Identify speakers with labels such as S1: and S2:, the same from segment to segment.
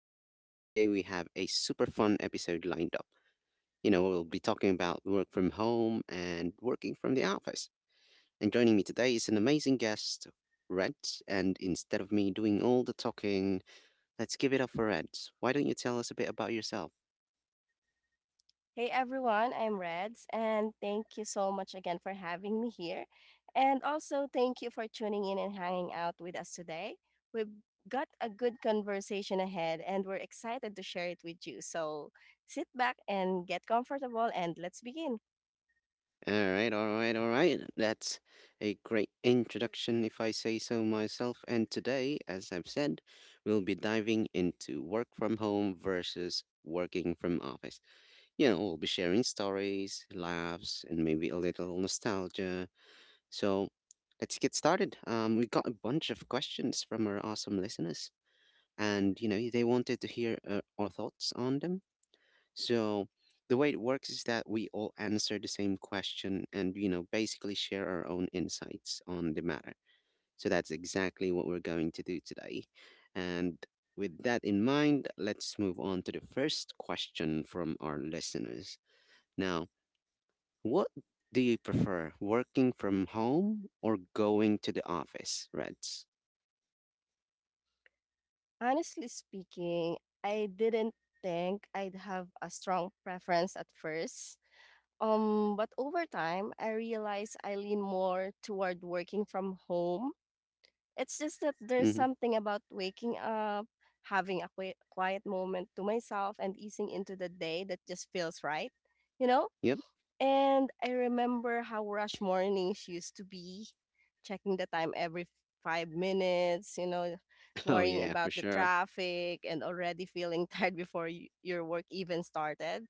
S1: Ross, and today we have a super fun episode lined up. We'll be talking about work from home and working from the office. And joining me today is an amazing guest, Reds. And instead of me doing all the talking, let's give it up for Reds. Why don't you tell us a bit about yourself?
S2: Hey everyone, I'm Reds, and thank you so much again for having me here. And also, thank you for tuning in and hanging out with us today. We've got a good conversation ahead, and we're excited to share it with you. So sit back and get comfortable, and let's begin.
S1: All right, all right, all right. That's a great introduction, if I say so myself. And today, as I've said, we'll be diving into work from home versus working from office. We'll be sharing stories, laughs, and maybe a little nostalgia. So let's get started. We got a bunch of questions from our awesome listeners, and they wanted to hear our thoughts on them. So the way it works is that we all answer the same question and, you know, basically share our own insights on the matter. So that's exactly what we're going to do today. And with that in mind, let's move on to the first question from our listeners. Now, what do you prefer, working from home or going to the office, Reds?
S2: Honestly speaking, I didn't think I'd have a strong preference at first. But over time, I realized I lean more toward working from home. It's just that there's
S1: Hmm.
S2: something about waking up, having a quiet moment to myself, and easing into the day that just feels right, you know?
S1: Yep.
S2: And I remember how rush mornings used to be, checking the time every 5 minutes, you know,
S1: Oh,
S2: worrying
S1: yeah, for
S2: about the
S1: sure.
S2: traffic and already feeling tired before your work even started.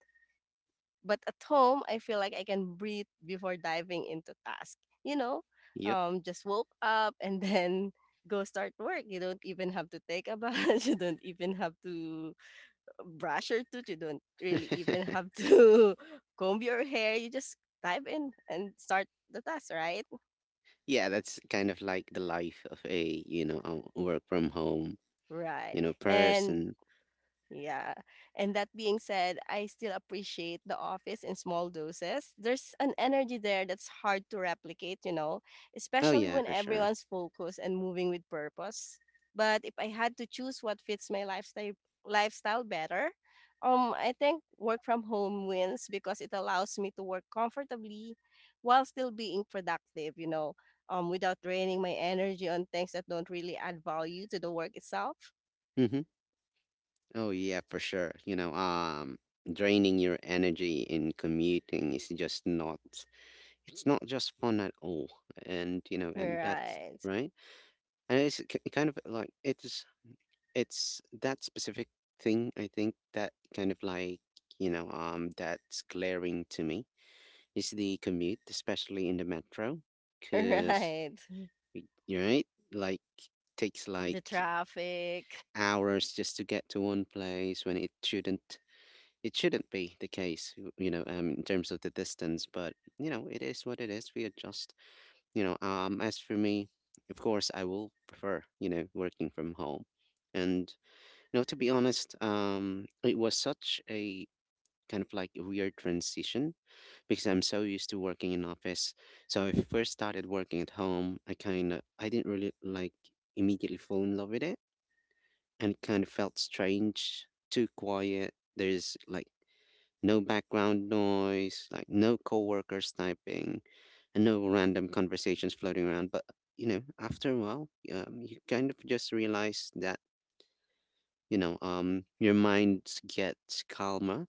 S2: But at home, I feel like I can breathe before diving into task. You know,
S1: Yep.
S2: just woke up and then go start work. You don't even have to take a bath. You don't even have to brush your tooth. You don't really even have to comb your hair. You just dive in and start the task, right?
S1: Yeah, that's kind of like the life of a, you know, a work from home,
S2: Right.
S1: you know,
S2: And
S1: person.
S2: yeah. And that being said, I still appreciate the office in small doses. There's an energy there that's hard to replicate, you know,
S1: Oh
S2: especially
S1: yeah,
S2: when
S1: for sure.
S2: everyone's focused and moving with purpose. But if I had to choose what fits my lifestyle better, I think work from home wins because it allows me to work comfortably while still being productive, you know, without draining my energy on things that don't really add value to the work itself.
S1: Mm-hmm. Oh yeah, for sure. Draining your energy in commuting is just not, it's not just fun at all. And, you know, and that's
S2: Right.
S1: right. And kind of like, it's that specific thing, I think, that kind of like, that's glaring to me is the commute, especially in the metro. Because
S2: Right.
S1: y- right? Like takes
S2: The
S1: like
S2: traffic.
S1: hours just to get to one place when it shouldn't, it shouldn't be the case, you know, in terms of the distance. But you know, it is what it is. We adjust. As for me, of course, I will prefer, you know, working from home. And to be honest, it was such a kind of like a weird transition because I'm so used to working in office. So I first started working at home. I kind of I didn't really like immediately fall in love with it, and it kind of felt strange, too quiet. There's like no background noise, like no coworkers typing, and no random conversations floating around. But after a while, you kind of just realize that your mind gets calmer,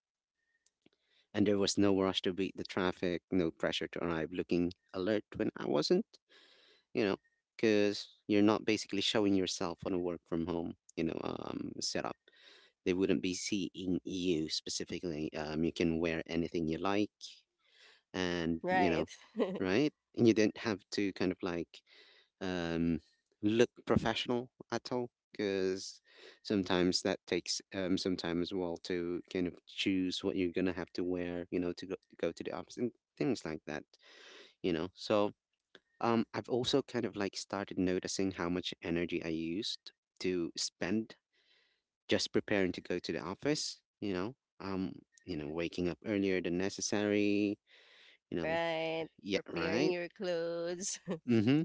S1: and there was no rush to beat the traffic, no pressure to arrive looking alert when I wasn't, you know, because you're not basically showing yourself on a work from home, you know, setup. They wouldn't be seeing you specifically. You can wear anything you like, and you know,
S2: Right.
S1: right? And you didn't have to kind of like um, look professional at all, because sometimes that takes some time as well to kind of choose what you're gonna have to wear, you know, to go to the office and things like that, you know. So I've also kind of like started noticing how much energy I used to spend just preparing to go to the office, you know, um you know, waking up earlier than necessary, you know.
S2: Right.
S1: Yeah,
S2: Preparing
S1: right.
S2: your clothes,
S1: Mm-hmm,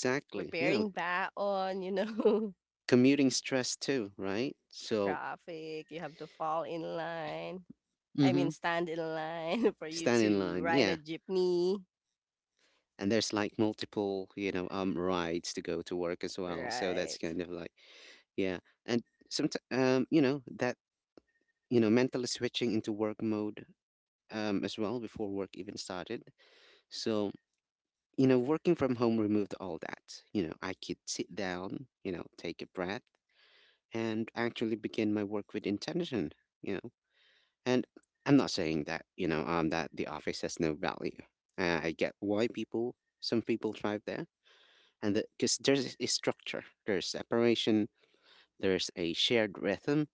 S1: you know.
S2: preparing baon, you know,
S1: Commuting stress too, right? So
S2: traffic. You have to fall in line. I mean,
S1: mhm.
S2: stand in line for you
S1: Stand in
S2: to
S1: line,
S2: ride
S1: yeah.
S2: a jeepney.
S1: And there's like multiple, you know, rides to go to work as well. So that's
S2: Right.
S1: kind of like, yeah. And sometimes, you know, you know, mentally switching into work mode, as well, before work even started. So, you know, working from home removed all that. You know, I could sit down, you know, take a breath and actually begin my work with intention, you know. And I'm not saying that, you know, that the office has no value. I get why some people thrive there. And because there's a structure, there's separation, there's a shared rhythm.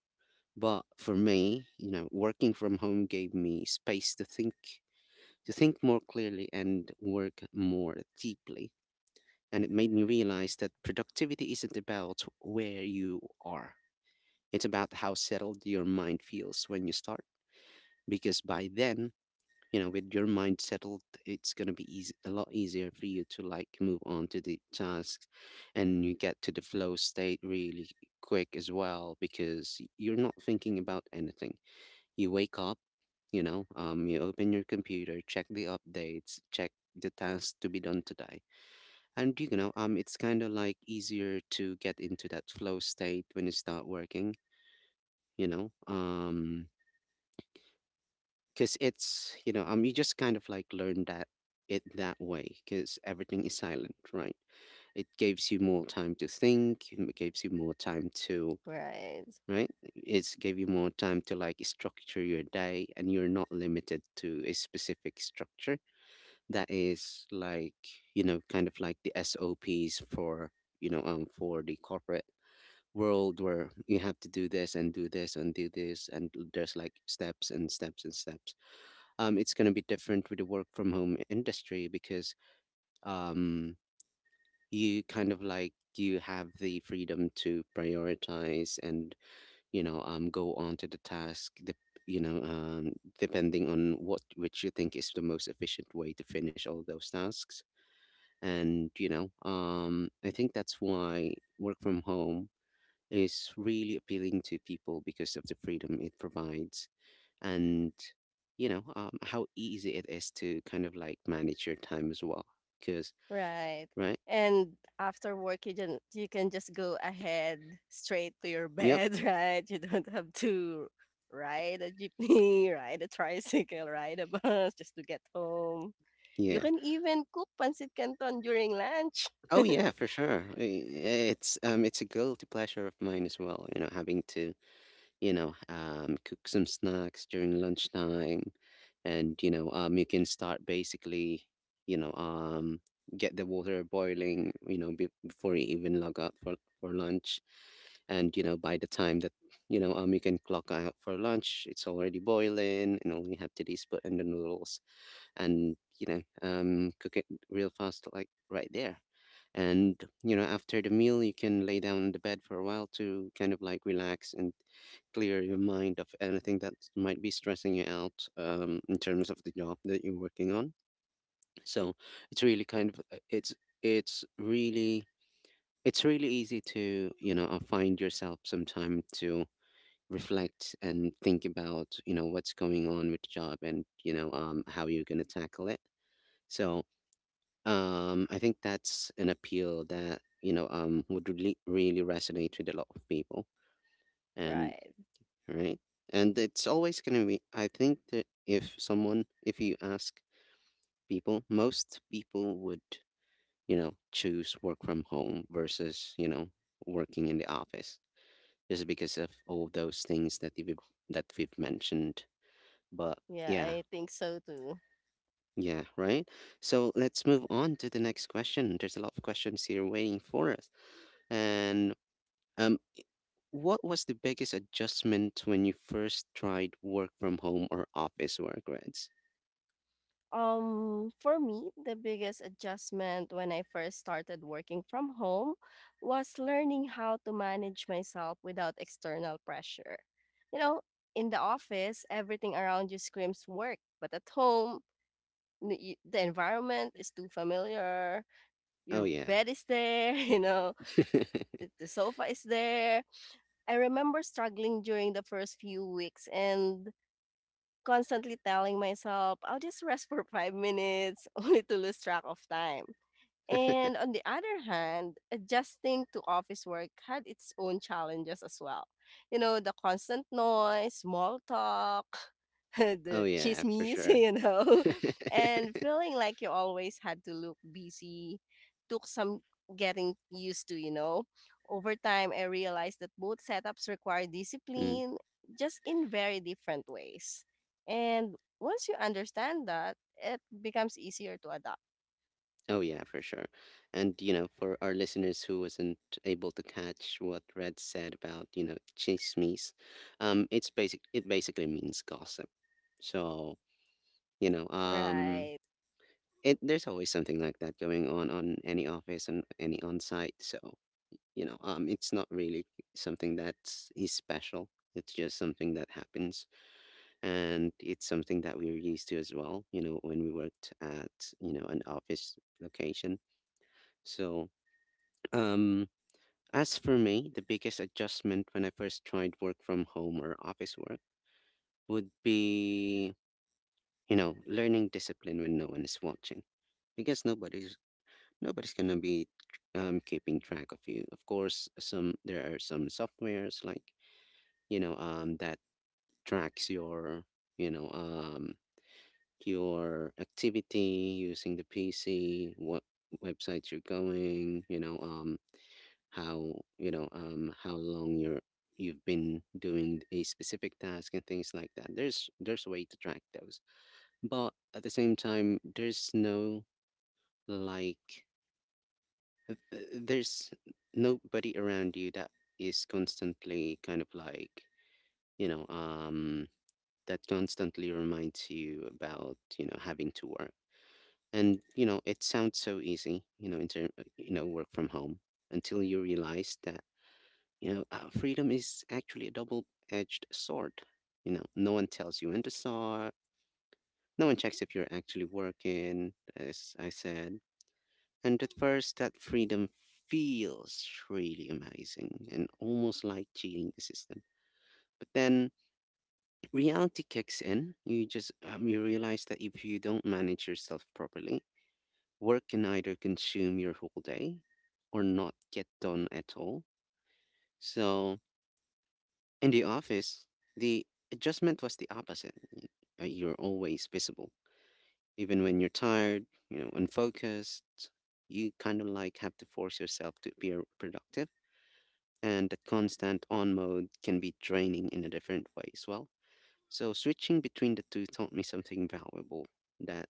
S1: But for me, you know, working from home gave me space to think more clearly and work more deeply. And it made me realize that productivity isn't about where you are. It's about how settled your mind feels when you start, because by then, you know, with your mind settled, it's going to be a lot easier for you to like move on to the tasks, and you get to the flow state really quick as well, because you're not thinking about anything. You wake up, you open your computer, check the updates, check the tasks to be done today, and it's kind of like easier to get into that flow state when you start working, you know um because it's you know you just kind of like learn that it that way, because everything is silent, right? It gives you more time to think, it gives you more time to
S2: Right.
S1: right, it's give you more time to like structure your day, and you're not limited to a specific structure that is like, you know, kind of like the SOPs for, you know, for the corporate world, where you have to do this and do this and do this, and there's like steps and steps and steps. Um, it's going to be different with the work from home industry because um, you kind of like you have the freedom to prioritize and, you know, go on to the task the you know, depending on what which you think is the most efficient way to finish all those tasks. And you know, I think that's why work from home is really appealing to people, because of the freedom it provides, and you know, how easy it is to kind of like manage your time as well, because
S2: Right.
S1: right.
S2: And after work, you can just go ahead straight to your
S1: Yep.
S2: bed, right? You don't have to ride a jeepney, ride a tricycle, ride a bus just to get home. You
S1: Yeah,
S2: can even cook pancit canton during lunch.
S1: oh yeah, for sure. It's it's a guilty pleasure of mine as well, you know, having to, you know, cook some snacks during lunchtime, and you know, you can start basically, you know, get the water boiling, you know, before you even log out for lunch, and you know, by the time that, you know, you can clock out for lunch, it's already boiling, and all you have to do is put in the noodles and, you know, cook it real fast like right there. And you know, after the meal, you can lay down on the bed for a while to kind of like relax and clear your mind of anything that might be stressing you out, in terms of the job that you're working on. So it's really kind of it's really it's really easy to, you know, find yourself some time to reflect and think about, you know, what's going on with the job, and you know, how you're going to tackle it. So I think that's an appeal that, you know, would really really resonate with a lot of people, and
S2: Right.
S1: right, and it's always gonna be. I think that if someone, if you ask people, most people would, you know, choose work from home versus, you know, working in the office, just because of all those things that we've mentioned. But
S2: Yeah,
S1: yeah,
S2: I think so too.
S1: yeah, right. So let's move on to the next question. There's a lot of questions here waiting for us. And um, what was the biggest adjustment when you first tried work from home or office work, Reds?
S2: For me, the biggest adjustment when I first started working from home was learning how to manage myself without external pressure. You know, in the office, everything around you screams work, but at home, the environment is too familiar.
S1: Oh
S2: Your
S1: yeah.
S2: bed is there, you know, the the sofa is there. I remember struggling during the first few weeks and constantly telling myself, "I'll just rest for 5 minutes," only to lose track of time. And on the other hand, adjusting to office work had its own challenges as well. You know, the constant noise, small talk,
S1: Oh
S2: the
S1: yeah, for
S2: chismes,
S1: sure.
S2: you know, and feeling like you always had to look busy took some getting used to, you know. Over time, I realized that both setups require
S1: Mm.
S2: discipline, just in very different ways. And once you understand that, it becomes easier to adapt.
S1: Oh yeah, for sure. And you know, for our listeners who wasn't able to catch what Red said about, you know, chismes, it's basic. It basically means gossip. So you know,
S2: Right.
S1: it there's always something like that going on any office and any on site. So you know, it's not really something that is special. It's just something that happens, and it's something that we were used to as well. You know, when we worked at, you know, an office location. So um, as for me, the biggest adjustment when I first tried work from home or office work would be, you know, learning discipline when no one is watching. Because nobody's gonna be keeping track of you. Of course, some there are some softwares like that tracks your you know um, your activity using the PC, what websites you're going, how how long you've been doing a specific task and things like that. There's a way to track those, but at the same time there's no, like th- there's nobody around you that is constantly kind of like you know um that constantly reminds you about having to work. And you know, it sounds so easy, you know, in term you know, work from home, until you realize that freedom is actually a double-edged sword. You know, no one tells you when to start. No one checks if you're actually working, as I said. And at first, that freedom feels really amazing and almost like cheating the system. But then reality kicks in. You realize that if you don't manage yourself properly, work can either consume your whole day or not get done at all. So in the office, the adjustment was the opposite. You're always visible. Even when you're tired, you know, unfocused, you kind of like have to force yourself to be productive. And that constant on mode can be draining in a different way as well. So switching between the two taught me something valuable, that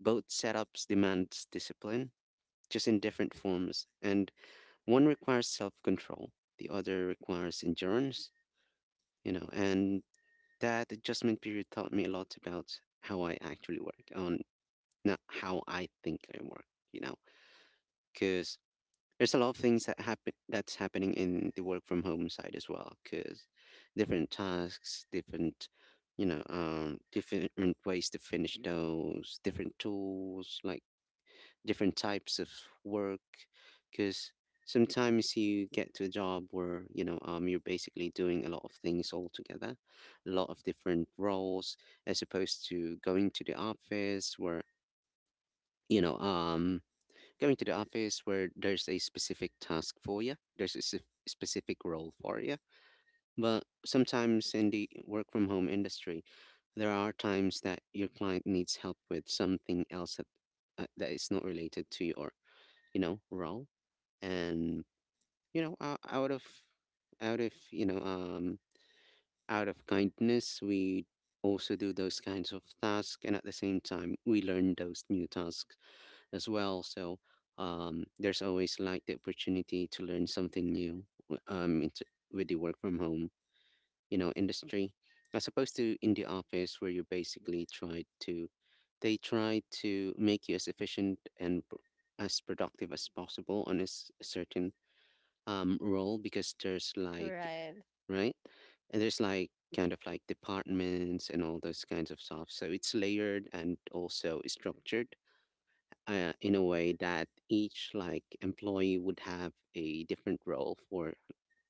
S1: both setups demands discipline, just in different forms. And one requires self-control, the other requires endurance, you know, and that adjustment period taught me a lot about how I actually work, on not how I think I work, you know, because there's a lot of things that happen that's happening in the work from home side as well. Because different tasks, different, different ways to finish those, different tools, like different types of work, because sometimes you get to a job where you're basically doing a lot of things all together, a lot of different roles, as opposed to going to the office where you know um there's a specific task for you, there's a specific role for you. But sometimes in the work from home industry, there are times that your client needs help with something else that is not related to your, you know, role. And you know uh, out of out of you know um out of kindness, we also do those kinds of tasks, and at the same time we learn those new tasks as well. So um, there's always like the opportunity to learn something new, it's, with the work from home, you know, industry, as opposed to in the office, where you basically try to, they try to make you as efficient as productive as possible on a certain role, because there's like,
S2: Right,
S1: right, and there's like kind of like departments and all those kinds of stuff, so it's layered and also structured, in a way that each like employee would have a different role for,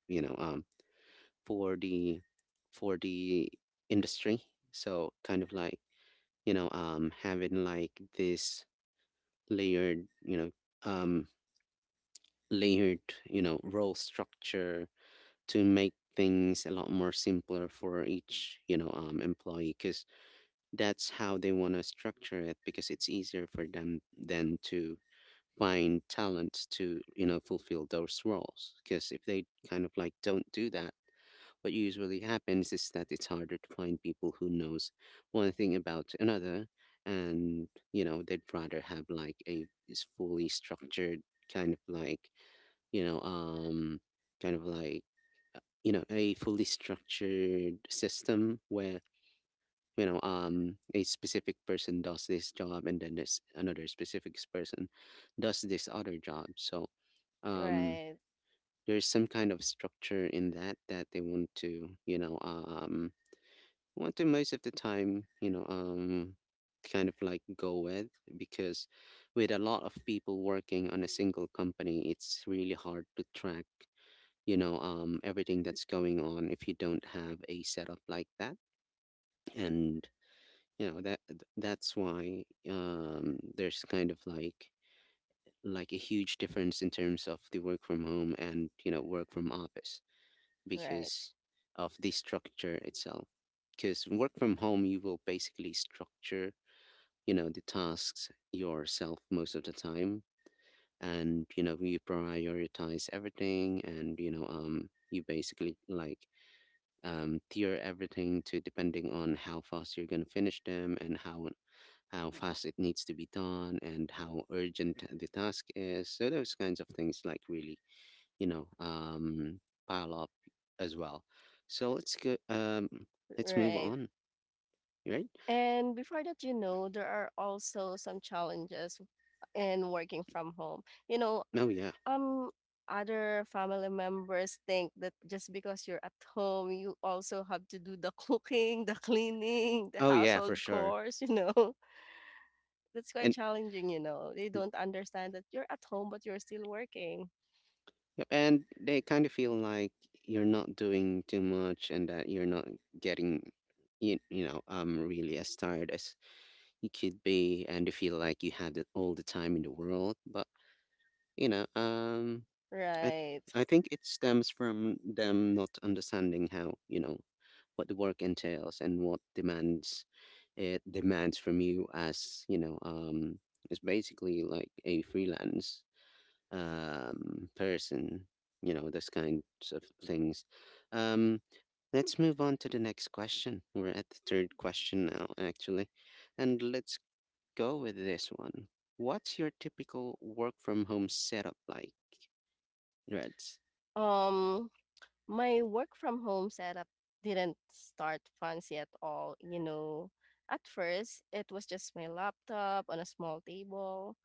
S1: you know um for the, for the industry. So kind of like, having like this layered, um layered, you know, role structure to make things a lot more simpler for each, employee, because that's how they want to structure it, because it's easier for them than to find talent to, you know, fulfill those roles. Because if they kind of like don't do that, what usually happens is that it's harder to find people who knows one thing about another. And you know, they'd rather have like a is fully structured kind of like, you know, um, kind of like, you know, a fully structured system where, a specific person does this job, and then this another specific person does this other job. So, um,
S2: right,
S1: there's some kind of structure in that that they want to, want to most of the time, kind of like go with. Because with a lot of people working on a single company, it's really hard to track, everything that's going on, if you don't have a setup like that. And you know, that's why um, there's kind of like a huge difference in terms of the work from home and, you know, work from office,
S2: right,
S1: because of the structure itself. Because work from home, you will basically structure, you know, the tasks yourself most of the time. And you know, you prioritize everything, and you basically like, tier everything to, depending on how fast you're going to finish them, and how fast it needs to be done and how urgent the task is. So those kinds of things like really, you know um, pile up as well. So let's go let's move
S2: right.
S1: on. Right.
S2: And before that, you know, there are also some challenges in working from home. You know,
S1: Oh yeah.
S2: um, other family members think that just because you're at home, you also have to do the cooking, the cleaning, the
S1: Oh yeah, for
S2: household
S1: sure.
S2: chores, you know. That's quite
S1: And
S2: challenging, you know. They don't understand that you're at home, but you're still working.
S1: yep, and they kind of feel like you're not doing too much, and that you're not getting, you know um, really as tired as you could be, and you feel like you have it all the time in the world. But you know um i
S2: Right.
S1: I think it stems from them not understanding how, you know, what the work entails and what demands it demands from you, as, you know, um, it's basically like a freelance person, you know, those kinds of things. Um, let's move on to the next question. We're at the third question now actually, and let's go with this one. What's your typical work from home setup like, Reds?
S2: Um, My work from home setup didn't start fancy at all, you know. At first, it was just my laptop on a small table,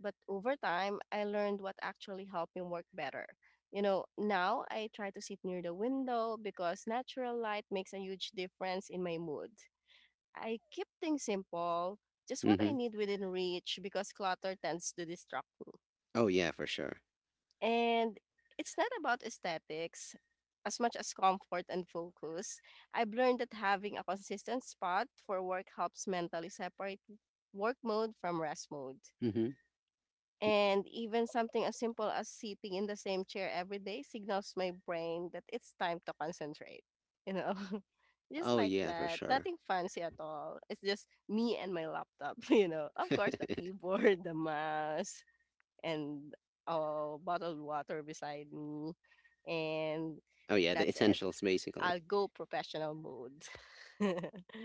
S2: but over time, I learned what actually helped me work better. You know, now I try to sit near the window because natural light makes a huge difference in my mood. I keep things simple, just what I
S1: Mm-hmm.
S2: need within reach because clutter tends to distract me.
S1: Oh yeah, for sure.
S2: And it's not about aesthetics as much as comfort and focus. I've learned that having a consistent spot for work helps mentally separate work mode from rest mode.
S1: Mm-hmm.
S2: And even something as simple as sitting in the same chair every day signals my brain that it's time to concentrate. You know, just
S1: Oh
S2: like
S1: yeah, for
S2: that.
S1: sure.
S2: Nothing fancy at all. It's just me and my laptop, you know. Of course, the keyboard, the mouse, and a bottled water beside me. And
S1: Oh yeah, the
S2: that's it.
S1: essentials basically.
S2: I'll go professional mode.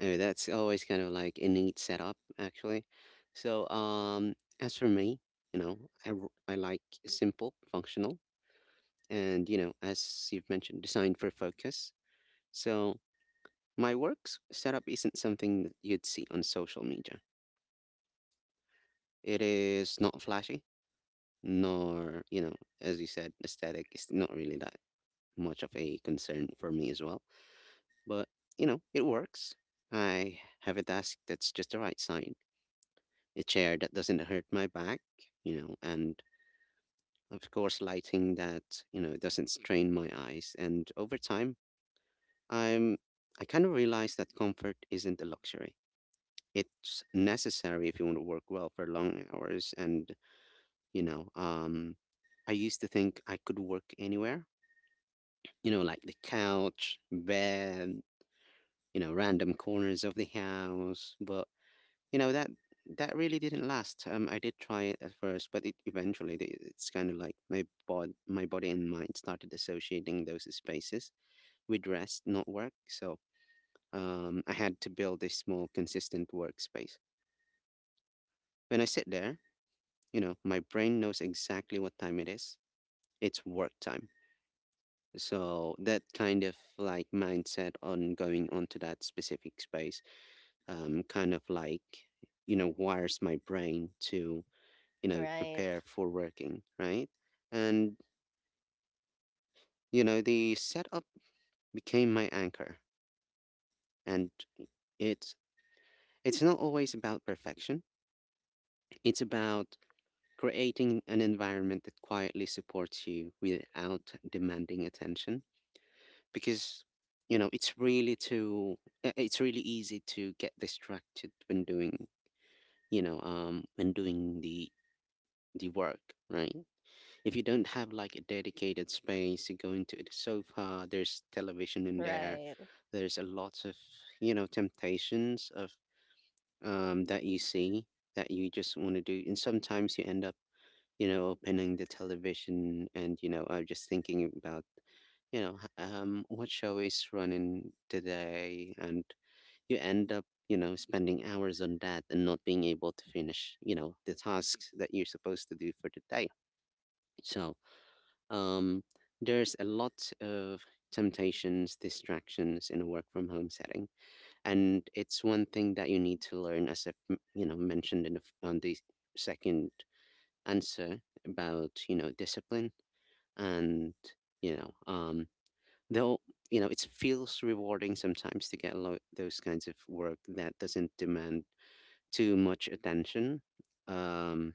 S1: Anyway, that's always kind of like a neat setup actually. So as for me, you know, I like simple, functional, and you know, as you've mentioned, designed for focus. So my work setup isn't something that you'd see on social media. It is not flashy, nor, you know, as you said, aesthetic is not really that much of a concern for me as well. But you know, it works. I have a desk that's just the right size, a chair that doesn't hurt my back, you know, and of course lighting that, you know, doesn't strain my eyes. And over time, i'm I kind of realize that comfort isn't a luxury, it's necessary if you want to work well for long hours. And you know um I used to think I could work anywhere, you know, like the couch, bed, you know, random corners of the house. But you know, that really didn't last. I did try it at first, but it eventually it's kind of like my body and mind started associating those spaces with rest, not work. So I had to build a small, consistent workspace. When I sit there, you know, my brain knows exactly what time it is. It's work time. So that kind of like mindset on going onto that specific space kind of like, you know, wires my brain to, you know,
S2: Right,
S1: prepare for working, right? And, you know, the setup became my anchor. And it's it's not always about perfection. It's about creating an environment that quietly supports you without demanding attention. Because, you know, it's really easy to get distracted when doing, when doing the work, right? If you don't have like a dedicated space, you go into the sofa, there's television in there,
S2: right,
S1: there's a lot of, you know, temptations of that you see, that you just want to do. And sometimes you end up, you know, opening the television and, you know, just thinking about, you know, what show is running today? And you end up, you know, spending hours on that and not being able to finish, you know, the tasks that you're supposed to do for the day. So um, there's a lot of temptations, distractions in a work from home setting, and it's one thing that you need to learn, as I've you know, mentioned in the on the second answer, about you know, discipline. And you know um, though you know, it feels rewarding sometimes to get a lot those kinds of work that doesn't demand too much attention um,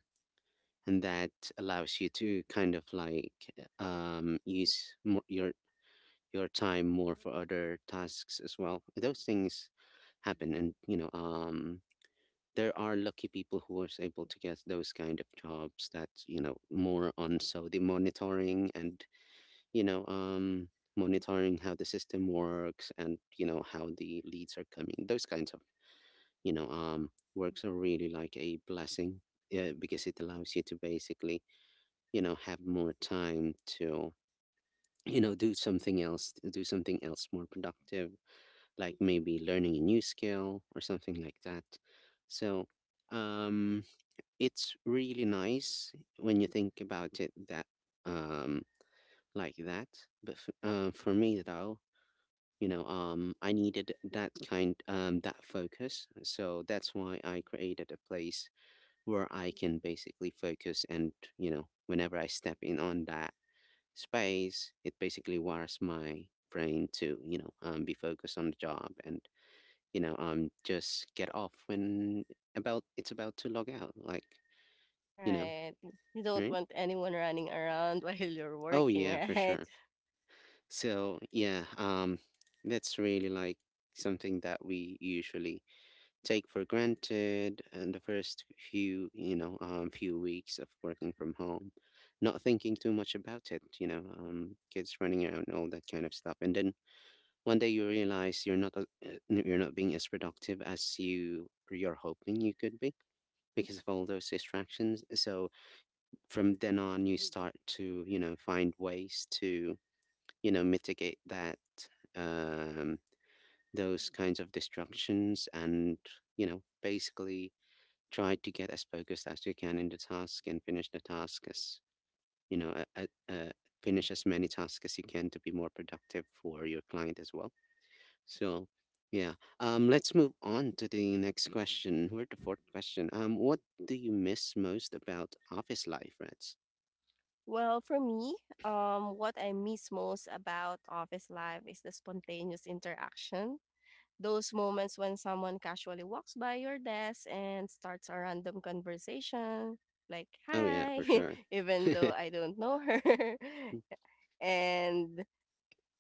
S1: and that allows you to kind of like use more, your time more for other tasks as well. Those things happen, and you know, there are lucky people who was able to get those kind of jobs that, you know, more on so the monitoring, and you know, monitoring how the system works and you know, how the leads are coming. Those kinds of, you know, works are really like a blessing. Yeah, because it allows you to basically, you know, have more time to, you know, do something else, do something else more productive, like maybe learning a new skill or something like that. So um, it's really nice when you think about it, that um, like that. But for me though, you know, I needed that focus. So that's why I created a place where I can basically focus, and whenever I step in on that space, it basically wires my brain to be focused on the job, and just get off when about it's about to log out, like, you know,
S2: right. You don't
S1: right?
S2: want anyone running around while you're
S1: Oh
S2: working,
S1: yeah, for
S2: right?
S1: sure. So yeah, that's really like something that we usually take for granted in the first few weeks of working from home, not thinking too much about it, kids running around, all that kind of stuff. And then one day you realize you're not being as productive as you're hoping you could be, because of all those distractions. So from then on, you start to, find ways to, mitigate that, um, those kinds of distractions, and, basically try to get as focused as you can in the task and finish the task as, you know, uh, uh, uh, finish as many tasks as you can to be more productive for your client as well. So, yeah. Let's move on to the next question. We're the fourth question. What do you miss most about office life, Reds?
S2: Well, for me, what I miss most about office life is the spontaneous interaction. Those moments when someone casually walks by your desk and starts a random conversation, like,
S1: Oh yeah,
S2: hi,
S1: for sure.
S2: even though I don't know her. And,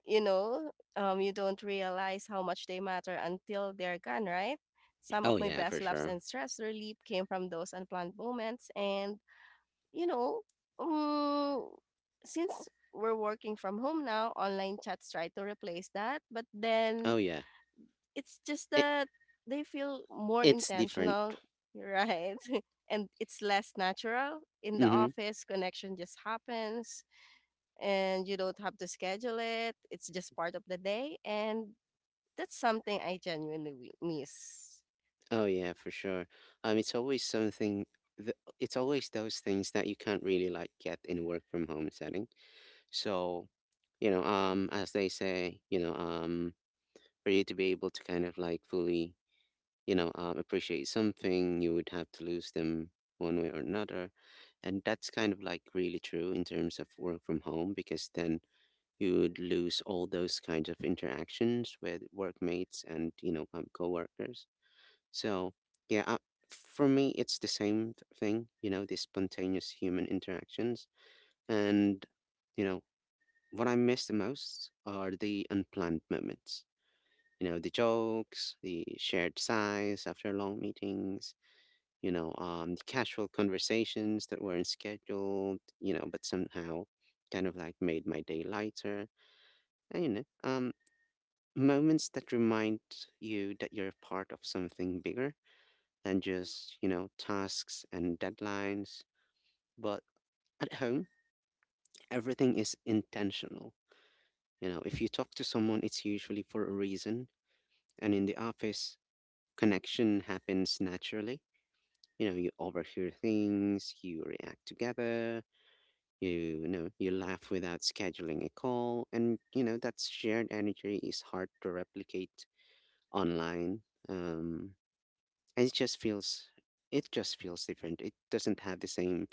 S2: you know, you don't realize how much they matter until they're gone, right? Some
S1: Oh
S2: of my
S1: yeah, for
S2: best laughs
S1: sure.
S2: and stress relief came from those unplanned moments. And, you know, um, since we're working from home now, online chats try to replace that. But then
S1: Oh yeah,
S2: it's just
S1: it,
S2: that they feel more
S1: it's different.
S2: intentional, right? And it's less natural. In the
S1: Mm-hmm.
S2: office, connection just happens and you don't have to schedule it. It's just part of the day. And that's something I genuinely miss,
S1: Oh yeah, for sure. It's always something. It's always those things that you can't really like get in a work from home setting. So, as they say, for you to be able to kind of like fully appreciate something, you would have to lose them one way or another. And that's kind of like really true in terms of work from home, because then you would lose all those kinds of interactions with workmates and co-workers. So yeah, for me, it's the same thing, the spontaneous human interactions. And you know what I miss the most are the unplanned moments, the jokes, the shared sighs after long meetings, casual conversations that weren't scheduled, but somehow kind of like made my day lighter. And, moments that remind you that you're part of something bigger than just, tasks and deadlines. But at home, everything is intentional. If you talk to someone, it's usually for a reason. And in the office, connection happens naturally. You overhear things, you react together. You laugh without scheduling a call, and you know that shared energy is hard to replicate online. Um, and it just feels different. It doesn't have the same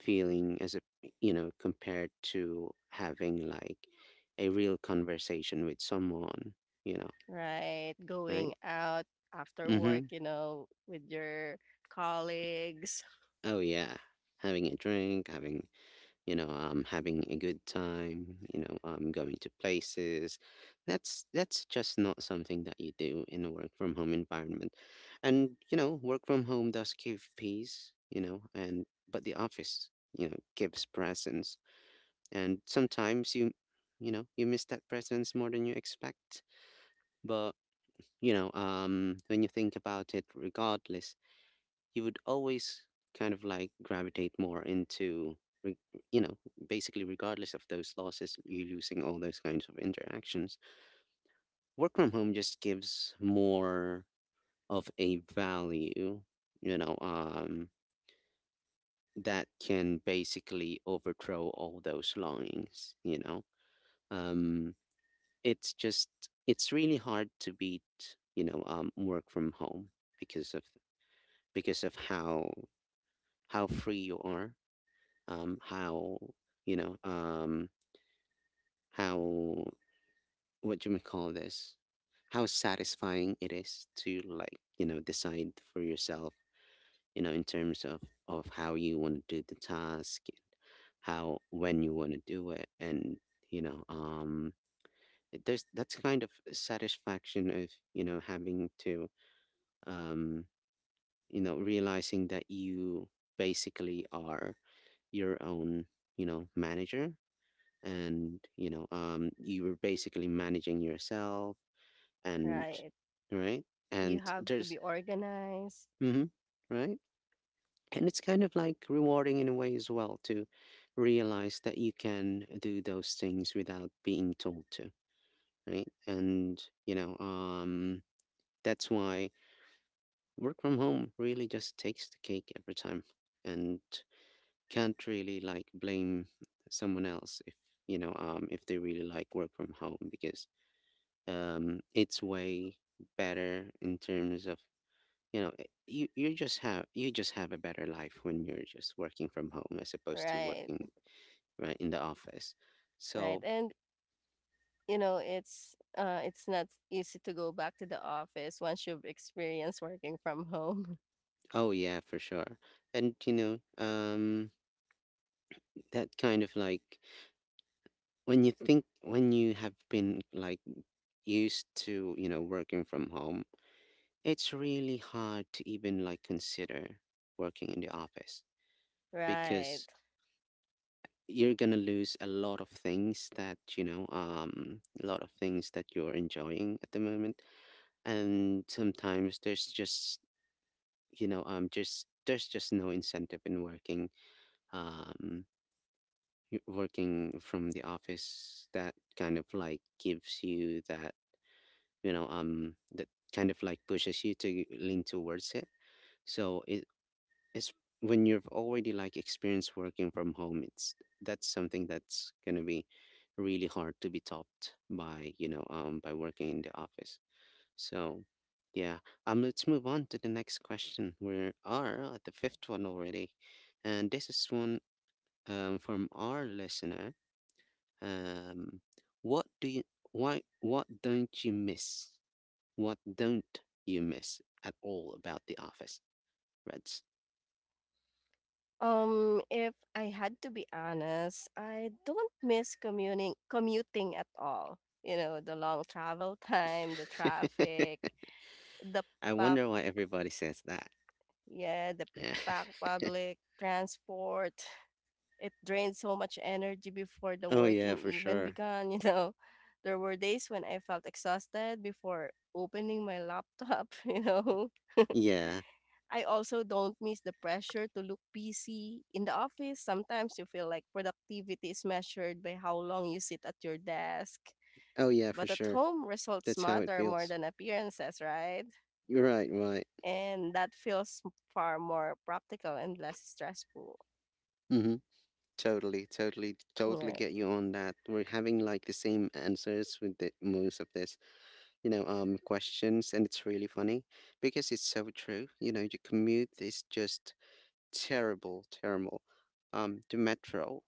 S1: feeling as a, compared to having like a real conversation with someone. You know,
S2: right? Going
S1: right?
S2: out after work,
S1: Mm-hmm.
S2: you know, with your colleagues,
S1: Oh yeah, having a drink, having a good time, going to places. That's just not something that you do in a work from home environment. And you know work from home does give peace, and but the office, gives presence. And sometimes you miss that presence more than you expect. But, when you think about it, regardless you would always kind of like gravitate more into re- you know basically, regardless of those losses, you losing all those kinds of interactions, work from home just gives more of a value, you know um that can basically overthrow all those longings. You know um it's just it's really hard to beat, work from home, because of how free you are. How you know how What do we call this? How satisfying it is to like decide for yourself. In terms of how you want to do the task, how when you want to do it, and, you know, um, there's that's kind of satisfaction of you know having to um, you know realizing that you basically are your own manager, and you were basically managing yourself. And
S2: right?
S1: right.
S2: You
S1: And
S2: have to be
S1: there's,
S2: organized,
S1: mm-hmm, right. And it's kind of like rewarding in a way as well, to realize that you can do those things without being told to, right? And you know um that's why work from home really just takes the cake every time. And can't really like blame someone else if if they really like work from home, because it's way better in terms of, you just have a better life when you're just working from home, as opposed to
S2: right?
S1: working, right, in the office.
S2: Right.
S1: So,
S2: And you know it's not easy to go back to the office once you've experienced working from home.
S1: oh yeah, for sure. And that kind of like, when you have been like used to working from home, it's really hard to even like consider working in the office,
S2: Right.
S1: because you're gonna lose a lot of things that you're enjoying at the moment. And sometimes there's just you know just there's just no incentive in working, um working from the office, that kind of like gives you that you know that kind of like pushes you to lean towards it. So it's when you've already like experienced working from home, it's that's something that's going to be really hard to be topped by by working in the office. So, yeah. Let's move on to the next question. We are at the fifth one already, and this is one, from our listener. um what do you why what don't you miss what don't you miss at all about the office, Reds?
S2: If I had to be honest, I don't miss commuting at all. You know, the long travel time, the traffic, the
S1: I
S2: pack
S1: wonder why everybody says that.
S2: yeah, the
S1: Yeah.
S2: pack public transport. It drained so much energy before the
S1: Oh yeah,
S2: working
S1: for
S2: even
S1: sure.
S2: began, you know. There were days when I felt exhausted before opening my laptop, you know.
S1: Yeah.
S2: I also don't miss the pressure to look busy. In the office, sometimes you feel like productivity is measured by how long you sit at your desk.
S1: Oh yeah, for
S2: But at
S1: sure.
S2: home, results
S1: That's how it
S2: matter more
S1: feels.
S2: than appearances, right?
S1: You're right, right.
S2: And that feels far more practical and less stressful.
S1: Mm-hmm. Totally, totally, totally
S2: Right.
S1: get you on that. We're having like the same answers with the most of this, questions, and it's really funny because it's so true. Your commute is just terrible, terrible. The metro,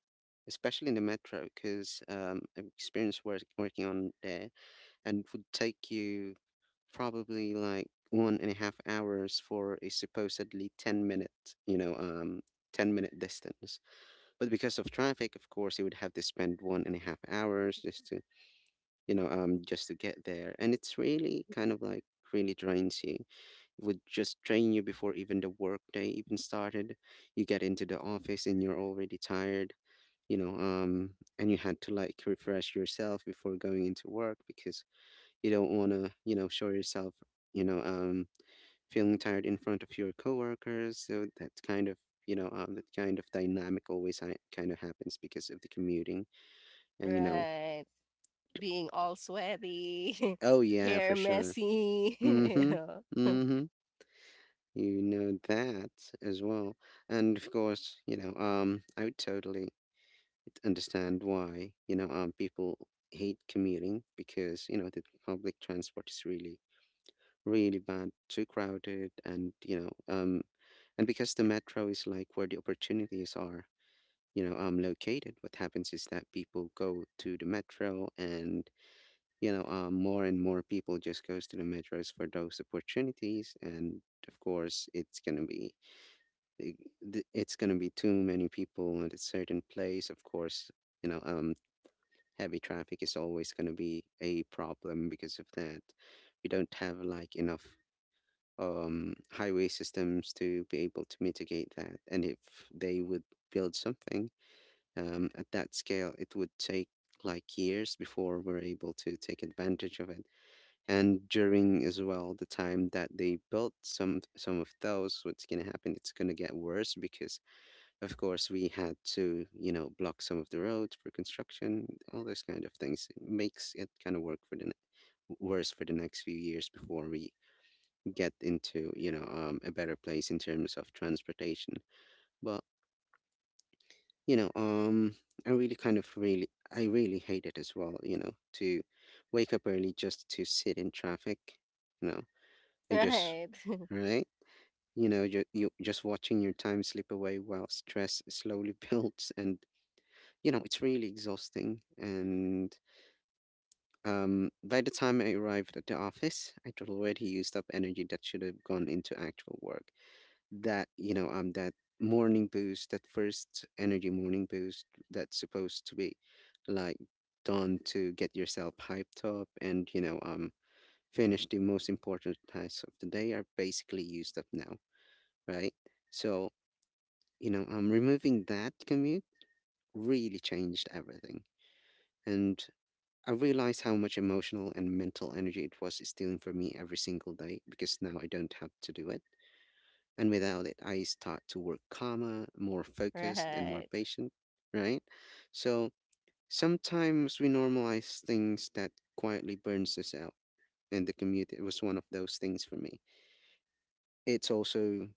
S1: especially in the metro, because I've experienced working on there, and would take you probably like 1.5 hours for a supposedly 10-minute distance. But because of traffic, of course, you would have to spend 1.5 hours just to get there. And it's really kind of like really drains you. It would just drain you before even the workday even started. You get into the office and you're already tired, you know, um, and you had to like refresh yourself before going into work, because you don't want to, show yourself, you know, um, feeling tired in front of your coworkers. So that kind of dynamic always kind of happens because of the commuting. And, you know,
S2: Right. Being all sweaty,
S1: oh, yeah, for
S2: hair
S1: sure.
S2: messy,
S1: Mm
S2: you
S1: hmm.
S2: know.
S1: Mm hmm. You know that as well. And of course, I would totally understand why, people hate commuting, because, the public transport is really, really bad, too crowded. And because the metro is like where the opportunities are, located, what happens is that people go to the metro, and more and more people just goes to the metros for those opportunities. And of course i- it's going to be too many people at a certain place. Of course, you know um heavy traffic is always going to be a problem because of that. We don't have like enough highway systems to be able to mitigate that. And if they would build something at that scale, it would take like years before we're able to take advantage of it. And during as well the time that they built some of those, what's gonna happen? It's gonna get worse, because of course we had to block some of the roads for construction, all those kind of things. It makes it kind of work for the ne- worse for the next few years, before we get into, a better place in terms of transportation. But, you know, um, I really kind of really, I really hate it as well, to wake up early just to sit in traffic, you know, you just,
S2: Right,
S1: right? You just watching your time slip away while stress slowly builds. And, it's really exhausting. And By the time I arrived at the office, I'd already used up energy that should have gone into actual work that you know that morning boost that first energy morning boost that's supposed to be like done to get yourself hyped up, and finish the most important tasks of the day are basically used up now, right? So removing that commute really changed everything. And I realized how much emotional and mental energy it was stealing from me every single day, because now I don't have to do it. And without it, I start to work calmer, more focused, and more
S2: right,
S1: patient, right? So sometimes we normalize things that quietly burns us out. And the commute it was one of those things for me. It's also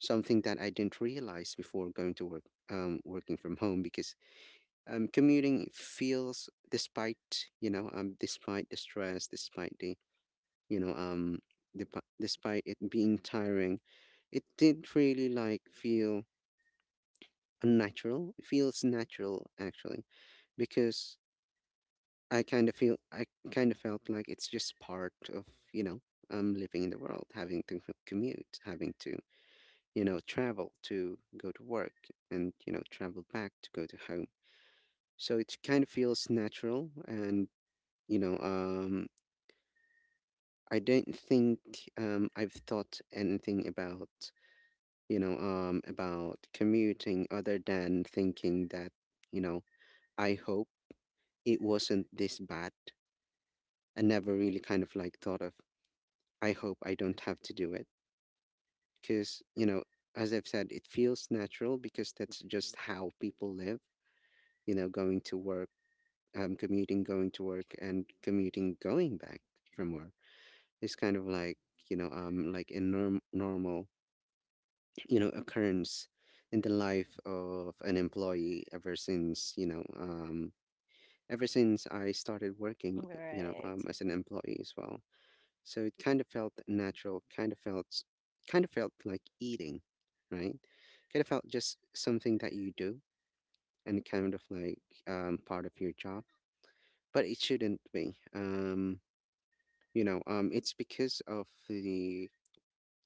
S1: something that I didn't realize before going to work, working from home, because commuting feels, despite despite the stress, despite the you know, um, despite it being tiring, it didn't really like feel unnatural. It feels natural actually, because I kind of felt like it's just part of, you know, living in the world, having to commute, having to, you know, travel to go to work and, you know, travel back to go to home. So it kind of feels natural, and you know, I don't think, I've thought anything about, you know, about commuting, other than thinking that, you know, I hope it wasn't this bad. I never really kind of like thought of, I hope I don't have to do it. Because, you know, as I've said, it feels natural, because that's just how people live, you know, going to work, commuting, going to work, and commuting, going back from work. It's kind of like, you know, like a normal, you know, occurrence in the life of an employee ever since, ever since I started working,
S2: right,
S1: as an employee as well. So it kind of felt natural, kind of felt, kind of felt like eating, right? Kind of felt just something that you do, and kind of like part of your job, but it shouldn't be. It's because of the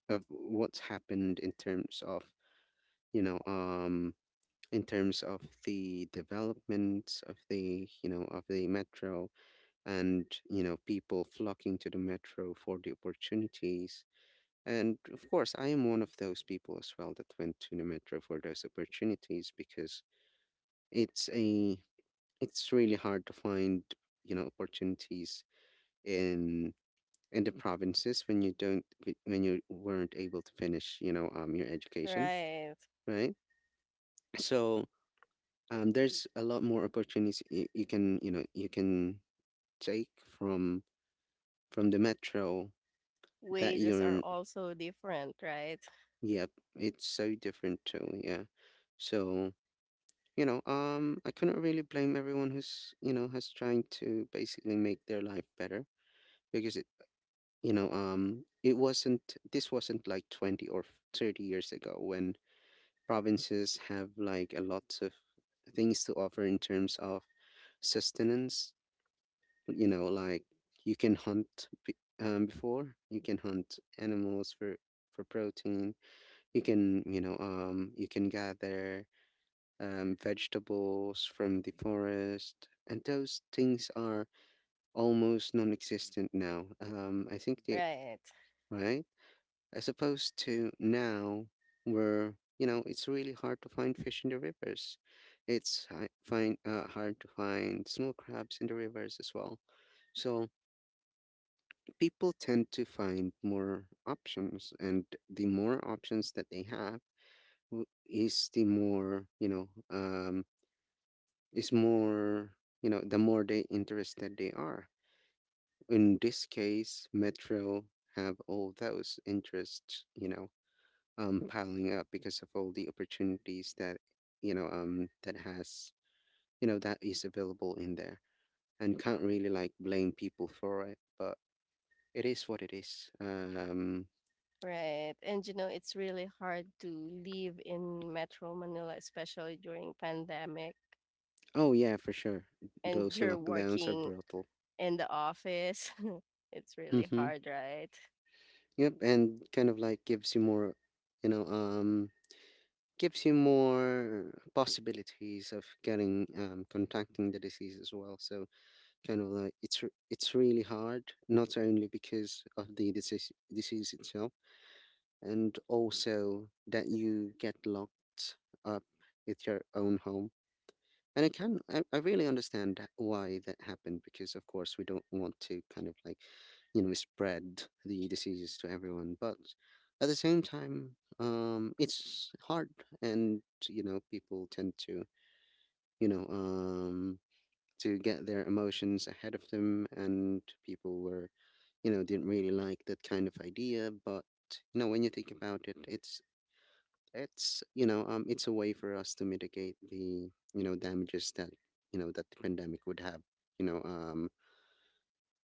S1: of what's happened in terms of, you know, in terms of the development of the, you know, of the metro, and, you know, people flocking to the metro for the opportunities. And of course, I am one of those people as well that went to the metro for those opportunities, because it's a it's really hard to find, you know, opportunities in in the provinces when you don't when you weren't able to finish, you know, your education,
S2: right.
S1: right? So there's a lot more opportunities you, you can, you know, you can take from from the metro. That
S2: Wages are
S1: you're
S2: also different, right,
S1: yep it's so different too yeah. So you know, I couldn't really blame everyone who's, you know, has trying to basically make their life better, because it you know, it wasn't this wasn't like 20 or 30 years ago, when provinces have like a lot of things to offer in terms of sustenance, you know, like you can before, you can hunt animals for protein. You can, you know, you can gather vegetables from the forest, and those things are almost non-existent now. I think they
S2: right,
S1: right as opposed to now, where, you know, it's really hard to find fish in the rivers. It's find hard to find small crabs in the rivers as well. So people tend to find more options, and the more options that they have is the more, you know. Is more, you know, the more they interested they are. In this case, Metro have all those interests, you know, piling up because of all the opportunities that, that has, you know, that is available in there, and can't really like blame people for it, but it is what it is.
S2: right. And you know, it's really hard to live in Metro Manila, especially during pandemic,
S1: Oh yeah, for sure,
S2: and
S1: those
S2: you're
S1: lockdowns are
S2: working
S1: brutal.
S2: in the office. It's really
S1: Mm-hmm.
S2: hard, right?
S1: Yep, and kind of like gives you more, you know, um, gives you more possibilities of getting contacting the disease as well. So kind of like it's it's really hard, not only because of the disease itself, and also that you get locked up with your own home. And I can, I really understand why that happened, because, of course, we don't want to kind of like, you know, spread the diseases to everyone. But at the same time, it's hard, and, you know, people tend to, you know, um, to get their emotions ahead of them, and people were, you know, didn't really like that kind of idea. But, you know, when you think about it, it's it's a way for us to mitigate the, you know, damages that, you know, that the pandemic would have, you know,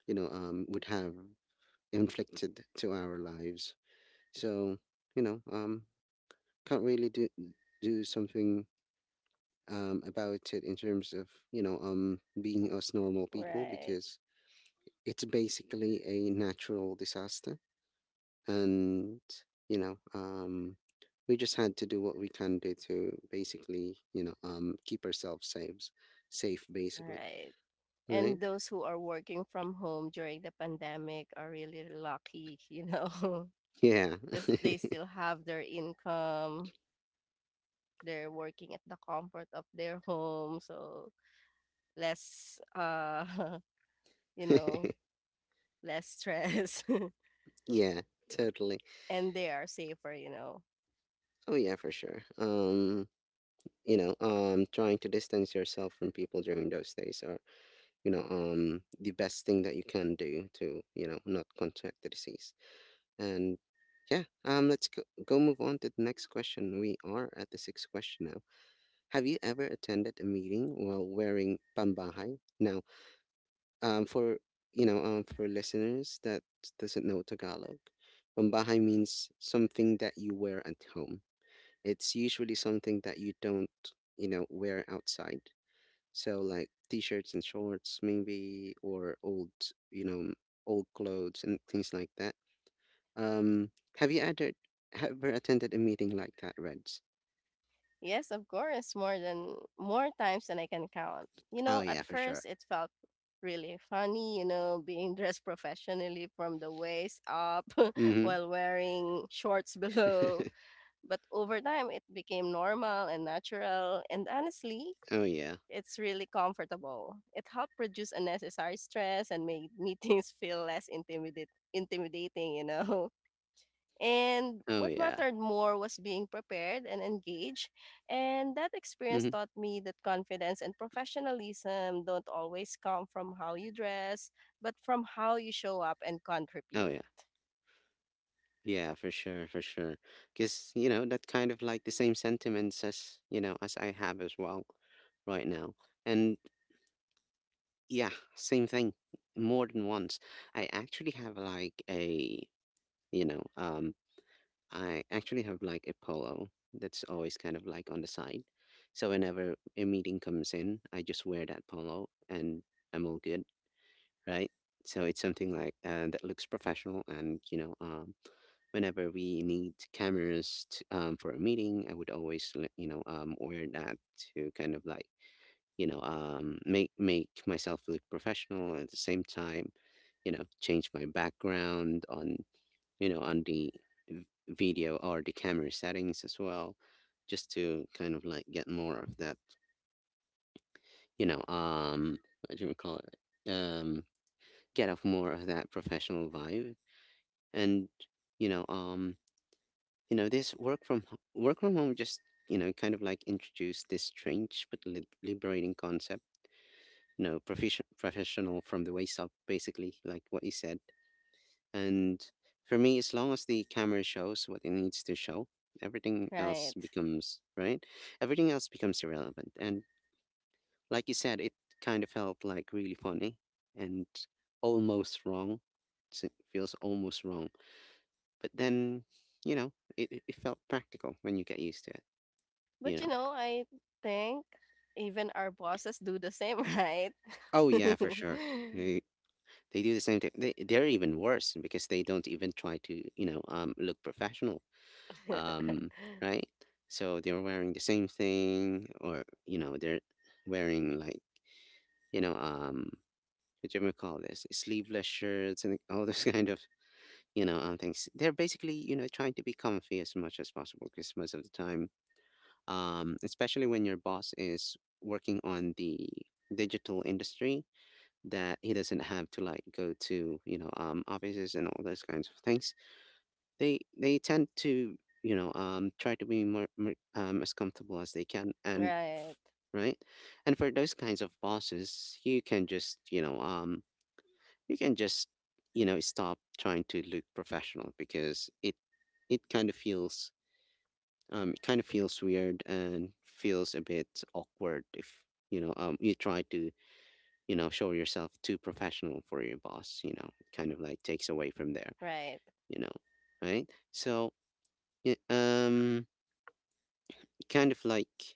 S1: would have inflicted to our lives. So you know, can't really do something about it in terms of, you know, being us normal people,
S2: Right,
S1: because it's basically a natural disaster. And you know, we just had to do what we can do to basically, you know, keep ourselves safe safe basically,
S2: right. And
S1: right?
S2: those who are working from home during the pandemic are really lucky, you know,
S1: Yeah
S2: because they still have their income. They're working at the comfort of their home, so less, you know, less stress,
S1: yeah, totally.
S2: and they are safer, you know.
S1: Oh yeah, for sure. Um, you know, trying to distance yourself from people during those days are, you know, the best thing that you can do to, you know, not contract the disease. And yeah, um, let's go, go move on to the next question. We are at the sixth question now. Have you ever attended a meeting while wearing pambahay? Now, for, for listeners that doesn't know Tagalog, pambahay means something that you wear at home. It's usually something that you don't, you know, wear outside. So like t-shirts and shorts, maybe, or old, you know, old clothes and things like that. Um, have you ever ever attended a meeting like that, Reds?
S2: Yes, of course, more times than I can count. You
S1: Oh
S2: know,
S1: yeah,
S2: at
S1: for sure.
S2: first it felt really funny, you know, being dressed professionally from the waist up
S1: Mm-hmm.
S2: while wearing shorts below. But over time it became normal and natural, and honestly,
S1: Oh yeah.
S2: it's really comfortable. It helped reduce unnecessary stress and made meetings feel less intimidate intimidating, you know. And
S1: Oh
S2: what
S1: yeah.
S2: mattered more was being prepared and engaged. And that experience
S1: Hmm.
S2: taught me that confidence and professionalism don't always come from how you dress, but from how you show up and
S1: Oh
S2: contribute.
S1: yeah, yeah, for sure, for sure. Because you know that kind of like the same sentiments as, you know, as I have as well right now, and yeah, same thing, more than once. I actually have like a, you know, I actually have like a polo that's always kind of like on the side, so whenever a meeting comes in, I just wear that polo and I'm all good, right? So it's something like that looks professional. And you know, whenever we need cameras to, for a meeting, I would always, you know, wear that to kind of like, you know, make myself look professional. At the same time, you know, change my background on, you know, on the video or the camera settings as well, just to kind of like get more of that, you know, what do we call it? Get off more of that professional vibe. And you know, you know this work from home just, you know, kind of like introduced this strange but liberating concept, you know, professional from the waist up, basically, like what you said. And for me, as long as the camera shows what it needs to show, everything else
S2: Right.
S1: becomes right, everything else becomes irrelevant. And like you said, it kind of felt like really funny, and almost wrong, it feels almost wrong. But then, you know, it felt practical when you get used to it,
S2: But
S1: you
S2: you
S1: know.
S2: know, I think even our bosses do the same, right?
S1: Oh yeah, for sure. They they do the same thing. They're even worse because they don't even try to, you know, look professional. Um, right? So they're wearing the same thing, or, you know, they're wearing like, you know, what do you call this, sleeveless shirts and all those kind of, things. They're basically, you know, trying to be comfy as much as possible. Because most of the time, especially when your boss is working on the digital industry that he doesn't have to like go to, you know, offices and all those kinds of things, they tend to, you know, try to be more as comfortable as they can. And f-
S2: Right.
S1: right, and for those kinds of bosses, you can just, you know, you can just, you know, stop trying to look professional. Because it kind of feels it kind of feels weird and feels a bit awkward if, you know, you try to, you know, show yourself too professional for your boss, you know, it kind of like takes away from there,
S2: Right.
S1: you know, right? So, y- um, kind of like,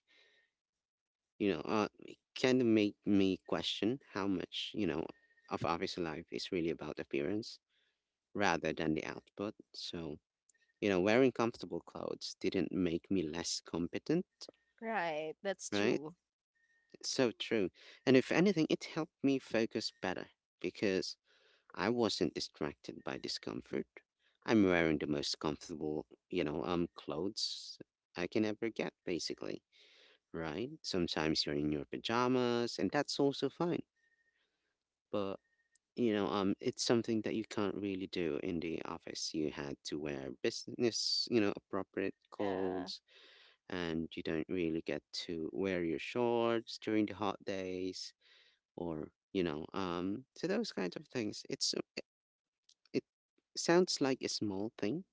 S1: you know, it kind of make me question how much, you know, of office life is really about appearance rather than the output. So, you know, wearing comfortable clothes didn't make me less competent,
S2: Right. That's
S1: right?
S2: true.
S1: So true. And if anything, it helped me focus better because I wasn't distracted by discomfort. I'm wearing the most comfortable, clothes I can ever get, basically, right? Sometimes you're in your pajamas, and that's also fine. But, it's something that you can't really do in the office. You had to wear business, appropriate
S2: Yeah.
S1: clothes, and you don't really get to wear your shorts during the hot days or, so those kinds of things. It's sounds like a small thing,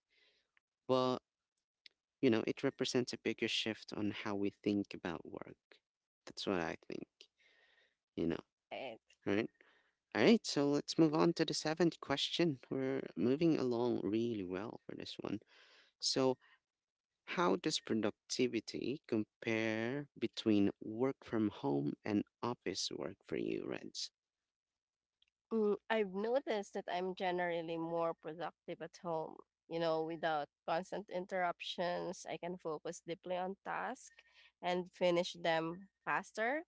S1: but it represents a bigger shift on how we think about work. That's what I think, you know,
S2: Right.
S1: right? All right, so let's move on to the seventh question. We're moving along really well for this one. So, how does productivity compare between work from home and office work for you, Reds?
S2: Mm, I've noticed that I'm generally more productive at home. You know, without constant interruptions, I can focus deeply on tasks and finish them faster.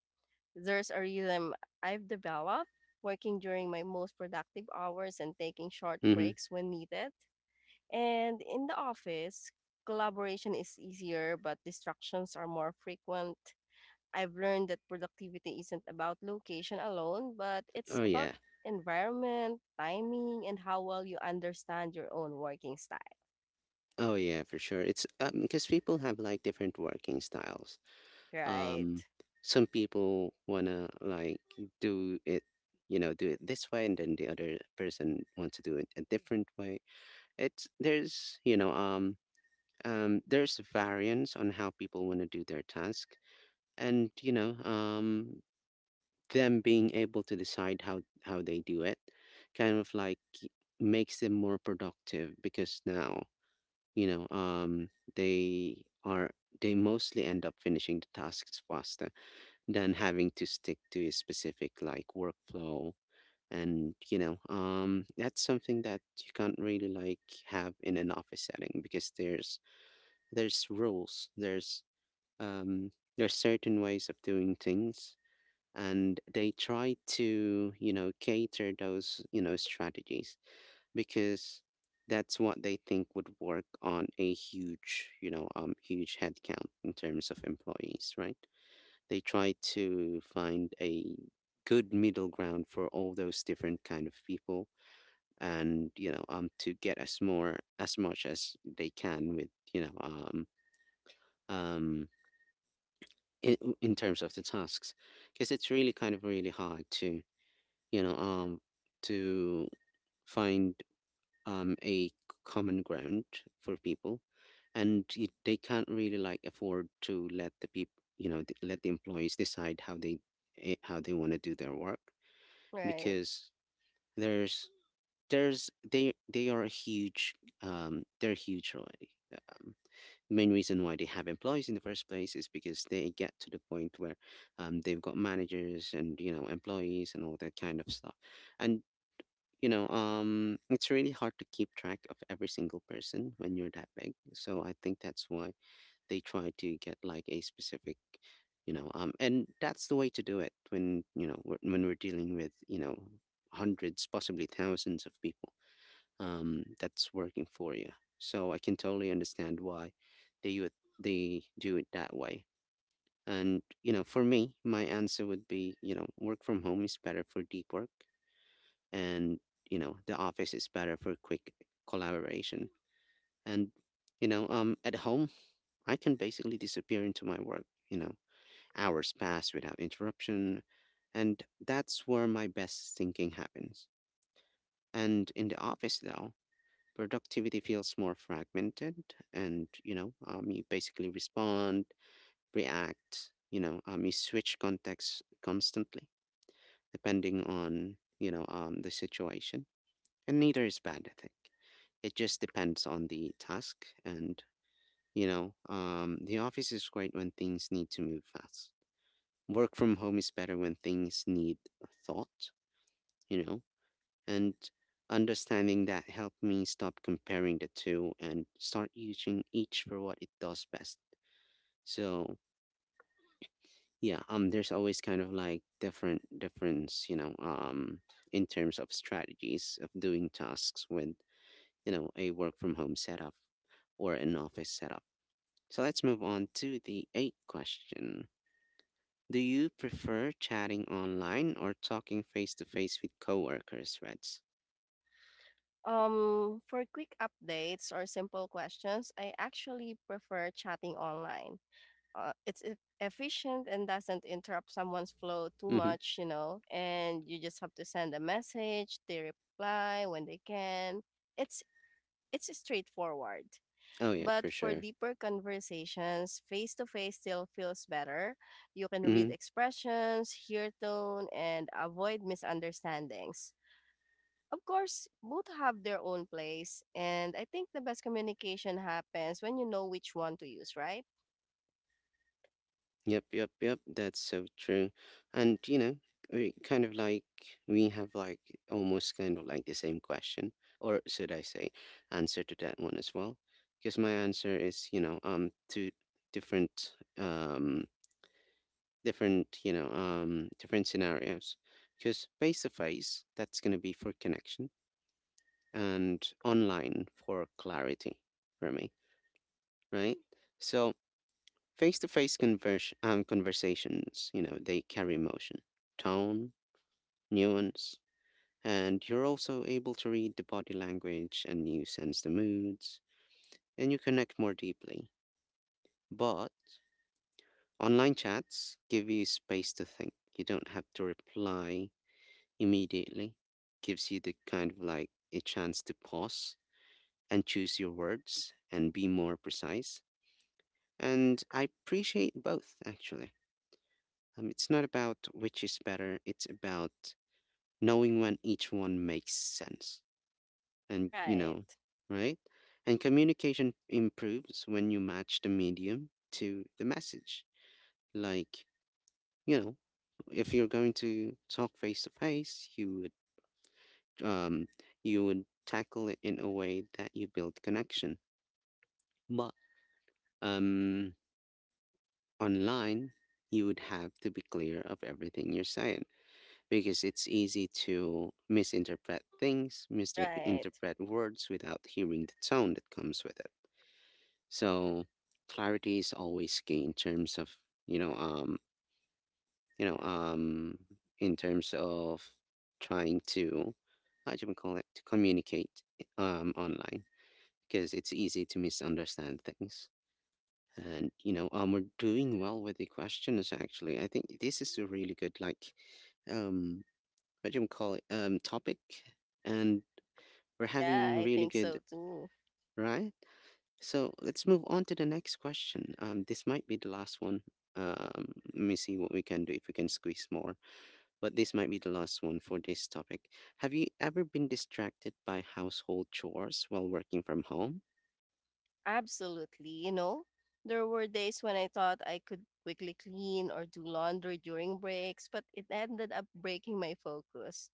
S2: There's a rhythm I've developed working during my most productive hours and taking short
S1: Mm-hmm.
S2: breaks when needed. And in the office, collaboration is easier, but distractions are more frequent. I've learned that productivity isn't about location alone, but it's
S1: Oh
S2: about
S1: yeah.
S2: environment, timing, and how well you understand your own working style.
S1: Oh yeah, for sure. It's because people have like different working styles. Um,
S2: Right.
S1: some people wanna like do it, do it this way, and then the other person wants to do it a different way. It's there's there's variance on how people want to do their task. And them being able to decide how they do it kind of like makes them more productive because now, you know um they are, they mostly end up finishing the tasks faster than having to stick to a specific like workflow. And that's something that you can't really like have in an office setting because there's rules, um there's certain ways of doing things, and they try to, cater those, strategies, because that's what they think would work on a huge, huge headcount in terms of employees, right? They try to find a good middle ground for all those different kind of people, and, to get as more as much as they can with, um, in, in terms of the tasks, because it's really kind of really hard to, you know, um, to find a common ground for people, and they can't really like afford to let the people, let the employees decide how they, how they want to do their work
S2: Right.
S1: because there's there's, they are huge, they're huge already. Um, the main reason why they have employees in the first place is because they get to the point where, they've got managers and, employees and all that kind of stuff. And, it's really hard to keep track of every single person when you're that big, so I think that's why they try to get like a specific, and that's the way to do it when, you know we're- when we're dealing with, hundreds, possibly thousands of people, that's working for you. So I can totally understand why they, they do it that way. And, for me, my answer would be, work from home is better for deep work, and, the office is better for quick collaboration. And, at home, I can basically disappear into my work. You know, hours pass without interruption, and that's where my best thinking happens. And in the office, though, productivity feels more fragmented, and, you basically respond, react, you switch contexts constantly depending on, the situation, and neither is bad. I think it just depends on the task, and, the office is great when things need to move fast. Work from home is better when things need thought, you know? And understanding that helped me stop comparing the two and start using each for what it does best. So, yeah, there's always kind of like different difference, in terms of strategies of doing tasks with, a work from home setup or an office setup. So let's move on to the eighth question. Do you prefer chatting online or talking face to face with coworkers, Reds?
S2: For quick updates or simple questions, I actually prefer chatting online. It's efficient and doesn't interrupt someone's flow too
S1: Mm-hmm.
S2: much, you know, and you just have to send a message, they reply when they can. It's it's straightforward.
S1: Oh yeah,
S2: But
S1: for
S2: for
S1: sure.
S2: deeper conversations, face to face still feels better. You can read
S1: Mm-hmm.
S2: expressions, hear tone, and avoid misunderstandings. Of course, both have their own place, and I think the best communication happens when you know which one to use, right?
S1: Yep, yep, yep. That's so true. And, we kind of like, we have like almost kind of like the same question, or should I say, answer to that one as well? Because my answer is, two different, um, different, different scenarios. Because face to face, that's gonna be for connection, and online for clarity for me, right? So face-to-face, conversations, they carry emotion, tone, nuance, and you're also able to read the body language and you sense the moods and you connect more deeply. But online chats give you space to think. You don't have to reply immediately. Gives you the kind of like a chance to pause and choose your words and be more precise. And I appreciate both, actually. It's not about which is better, it's about knowing when each one makes sense. And,
S2: Right,
S1: right? And communication improves when you match the medium to the message. Like, you know, if you're going to talk face to face, you would, um you would tackle it in a way that you build connection. But, um online, you would have to be clear of everything you're saying because it's easy to misinterpret things,
S2: right.
S1: misinterpret words without hearing the tone that comes with it. So clarity is always key in terms of, you know um you know um in terms of trying to, how do we call it, to communicate online because it's easy to misunderstand things. And, we're doing well with the questions actually. I think this is a really good like, um what do you call it, topic, and we're
S2: Yeah,
S1: having
S2: I
S1: really
S2: think
S1: good,
S2: so too.
S1: right? So let's move on to the next question. This might be the last one. Um, Let me see what we can do if we can squeeze more, but this might be the last one for this topic. Have you ever been distracted by household chores while working from home?
S2: Absolutely. You know, there were days when I thought I could quickly clean or do laundry during breaks, but it ended up breaking my focus.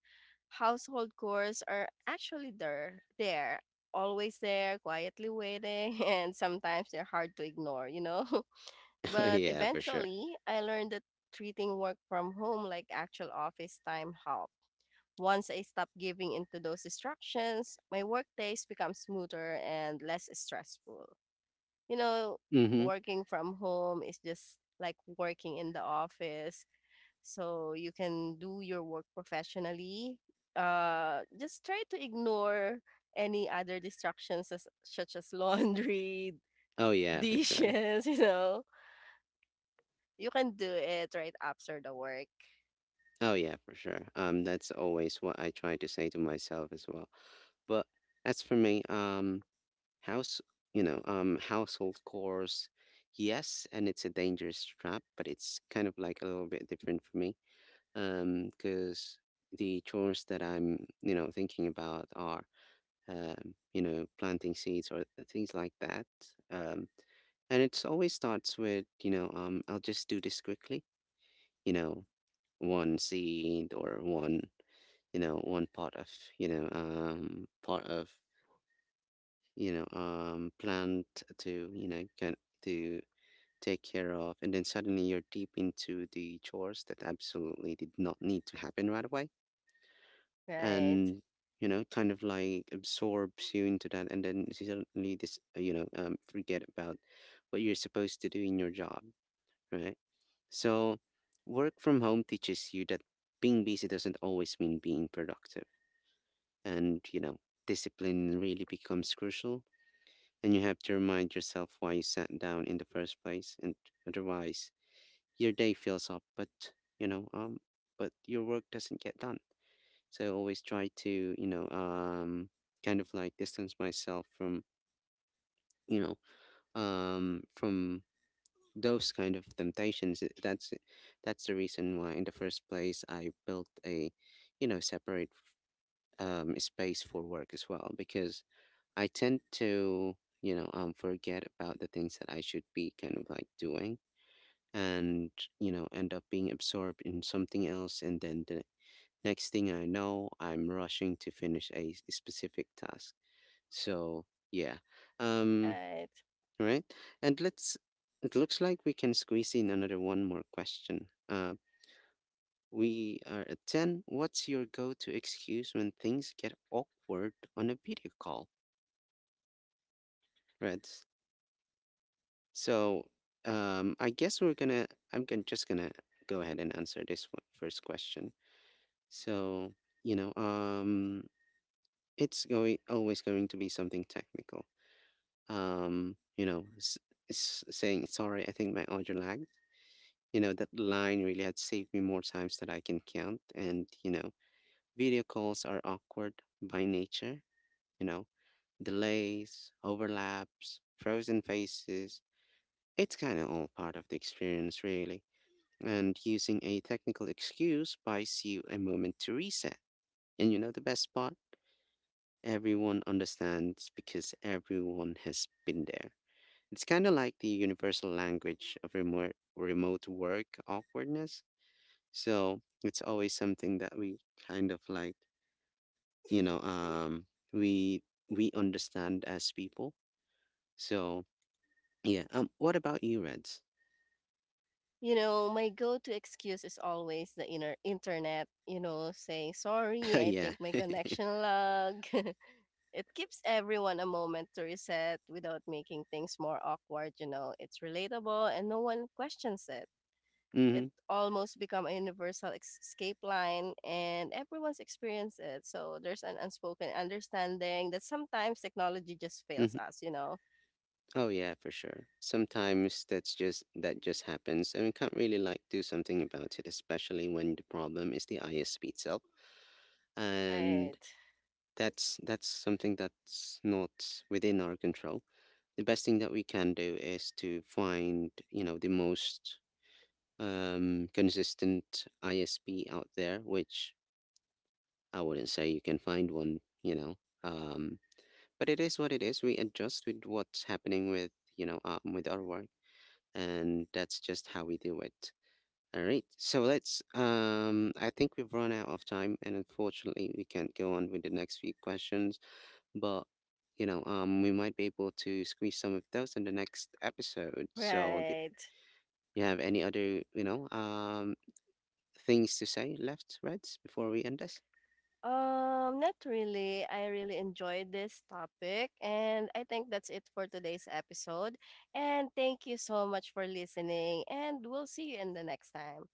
S2: Household chores are always there, quietly waiting, and sometimes they're hard to ignore, you know?
S1: Oh,
S2: But
S1: yeah, for sure.
S2: eventually, I learned that treating work from home like actual office time helped. Once I stopped giving into those distractions, my work days become smoother and less stressful, you know,
S1: Mm-hmm.
S2: working from home is just like working in the office. So you can do your work professionally. Just try to ignore any other distractions as, such as laundry,
S1: Oh, yeah, for sure.
S2: dishes, you know. You can do it right after the work.
S1: Oh, yeah, for sure. That's always what I try to say to myself as well. But as for me, house, household chores, yes, and it's a dangerous trap, but it's kind of like a little bit different for me, because the chores that I'm, thinking about are, planting seeds or things like that, um, and it's always starts with, I'll just do this quickly, you know, one seed or one, one pot of, pot of, plant to, can to take care of, and then suddenly you're deep into the chores that absolutely did not need to happen right away.
S2: Right.
S1: And, kind of like absorbs you into that, and then suddenly forget about what you're supposed to do in your job, right? So, work from home teaches you that being busy doesn't always mean being productive. And, discipline really becomes crucial. And you have to remind yourself why you sat down in the first place. And otherwise, your day fills up, but, you know, um, but your work doesn't get done. So I always try to, you know, um, kind of like distance myself from, you know, from those kind of temptations. That's, the reason why, in the first place, I built a, separate space for work as well, because I tend to, forget about the things that I should be kind of like doing, and, end up being absorbed in something else, and then the next thing I know, I'm rushing to finish a specific task. So, yeah. Um,
S2: Right.
S1: right. And let's, it looks like we can squeeze in another one more question. We are at 10. What's your go to excuse when things get awkward on a video call? Right. So, I guess we're gonna, I'm gonna, just gonna go ahead and answer this one, first question. So, you know, um, it's going always going to be something technical. um, you know, s- Saying, sorry, I think my audio lagged. You know, that line really had saved me more times than I can count. And, video calls are awkward by nature, you know, delays, overlaps, frozen faces. It's kind of all part of the experience, really. And using a technical excuse buys you a moment to reset. And you know the best part? Everyone understands because everyone has been there. It's kind of like the universal language of remote work awkwardness. So it's always something that we kind of like, you know, um, we understand as people. So yeah. What about you, Reds?
S2: You know, my go-to excuse is always the inner internet, you know, saying, sorry, I
S1: Yeah.
S2: think my connection lag. It gives everyone a moment to reset without making things more awkward, you know. It's relatable and no one questions it.
S1: Mm-hmm,
S2: It almost become a universal escape line and everyone's experienced it. So there's an unspoken understanding that sometimes technology just fails
S1: mm-hmm.
S2: us, you know.
S1: Oh yeah, for sure. Sometimes that's just that just happens, and we can't really like do something about it, especially when the problem is the ISP itself, and
S2: Right.
S1: that's something that's not within our control. The best thing that we can do is to find, the most, consistent ISP out there, which I wouldn't say you can find one, you know. Um, but it is what it is. We adjust with what's happening with, with our work, and that's just how we do it. All right, so let's. I think we've run out of time, and unfortunately, we can't go on with the next few questions. But, we might be able to squeeze some of those in the next episode. So the,
S2: Right.
S1: you have any other, things to say, left, Reds, before we end this?
S2: Not really. I really enjoyed this topic, and I think that's it for today's episode. And thank you so much for listening, and we'll see you in the next time.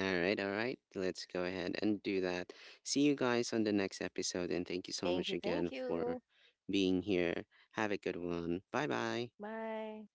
S1: All right, all right. Let's go ahead and do that. See you guys on the next episode, and thank you so
S2: Thank
S1: much
S2: you,
S1: again
S2: thank
S1: for
S2: you.
S1: being here. Have a good one. Bye bye.
S2: Bye.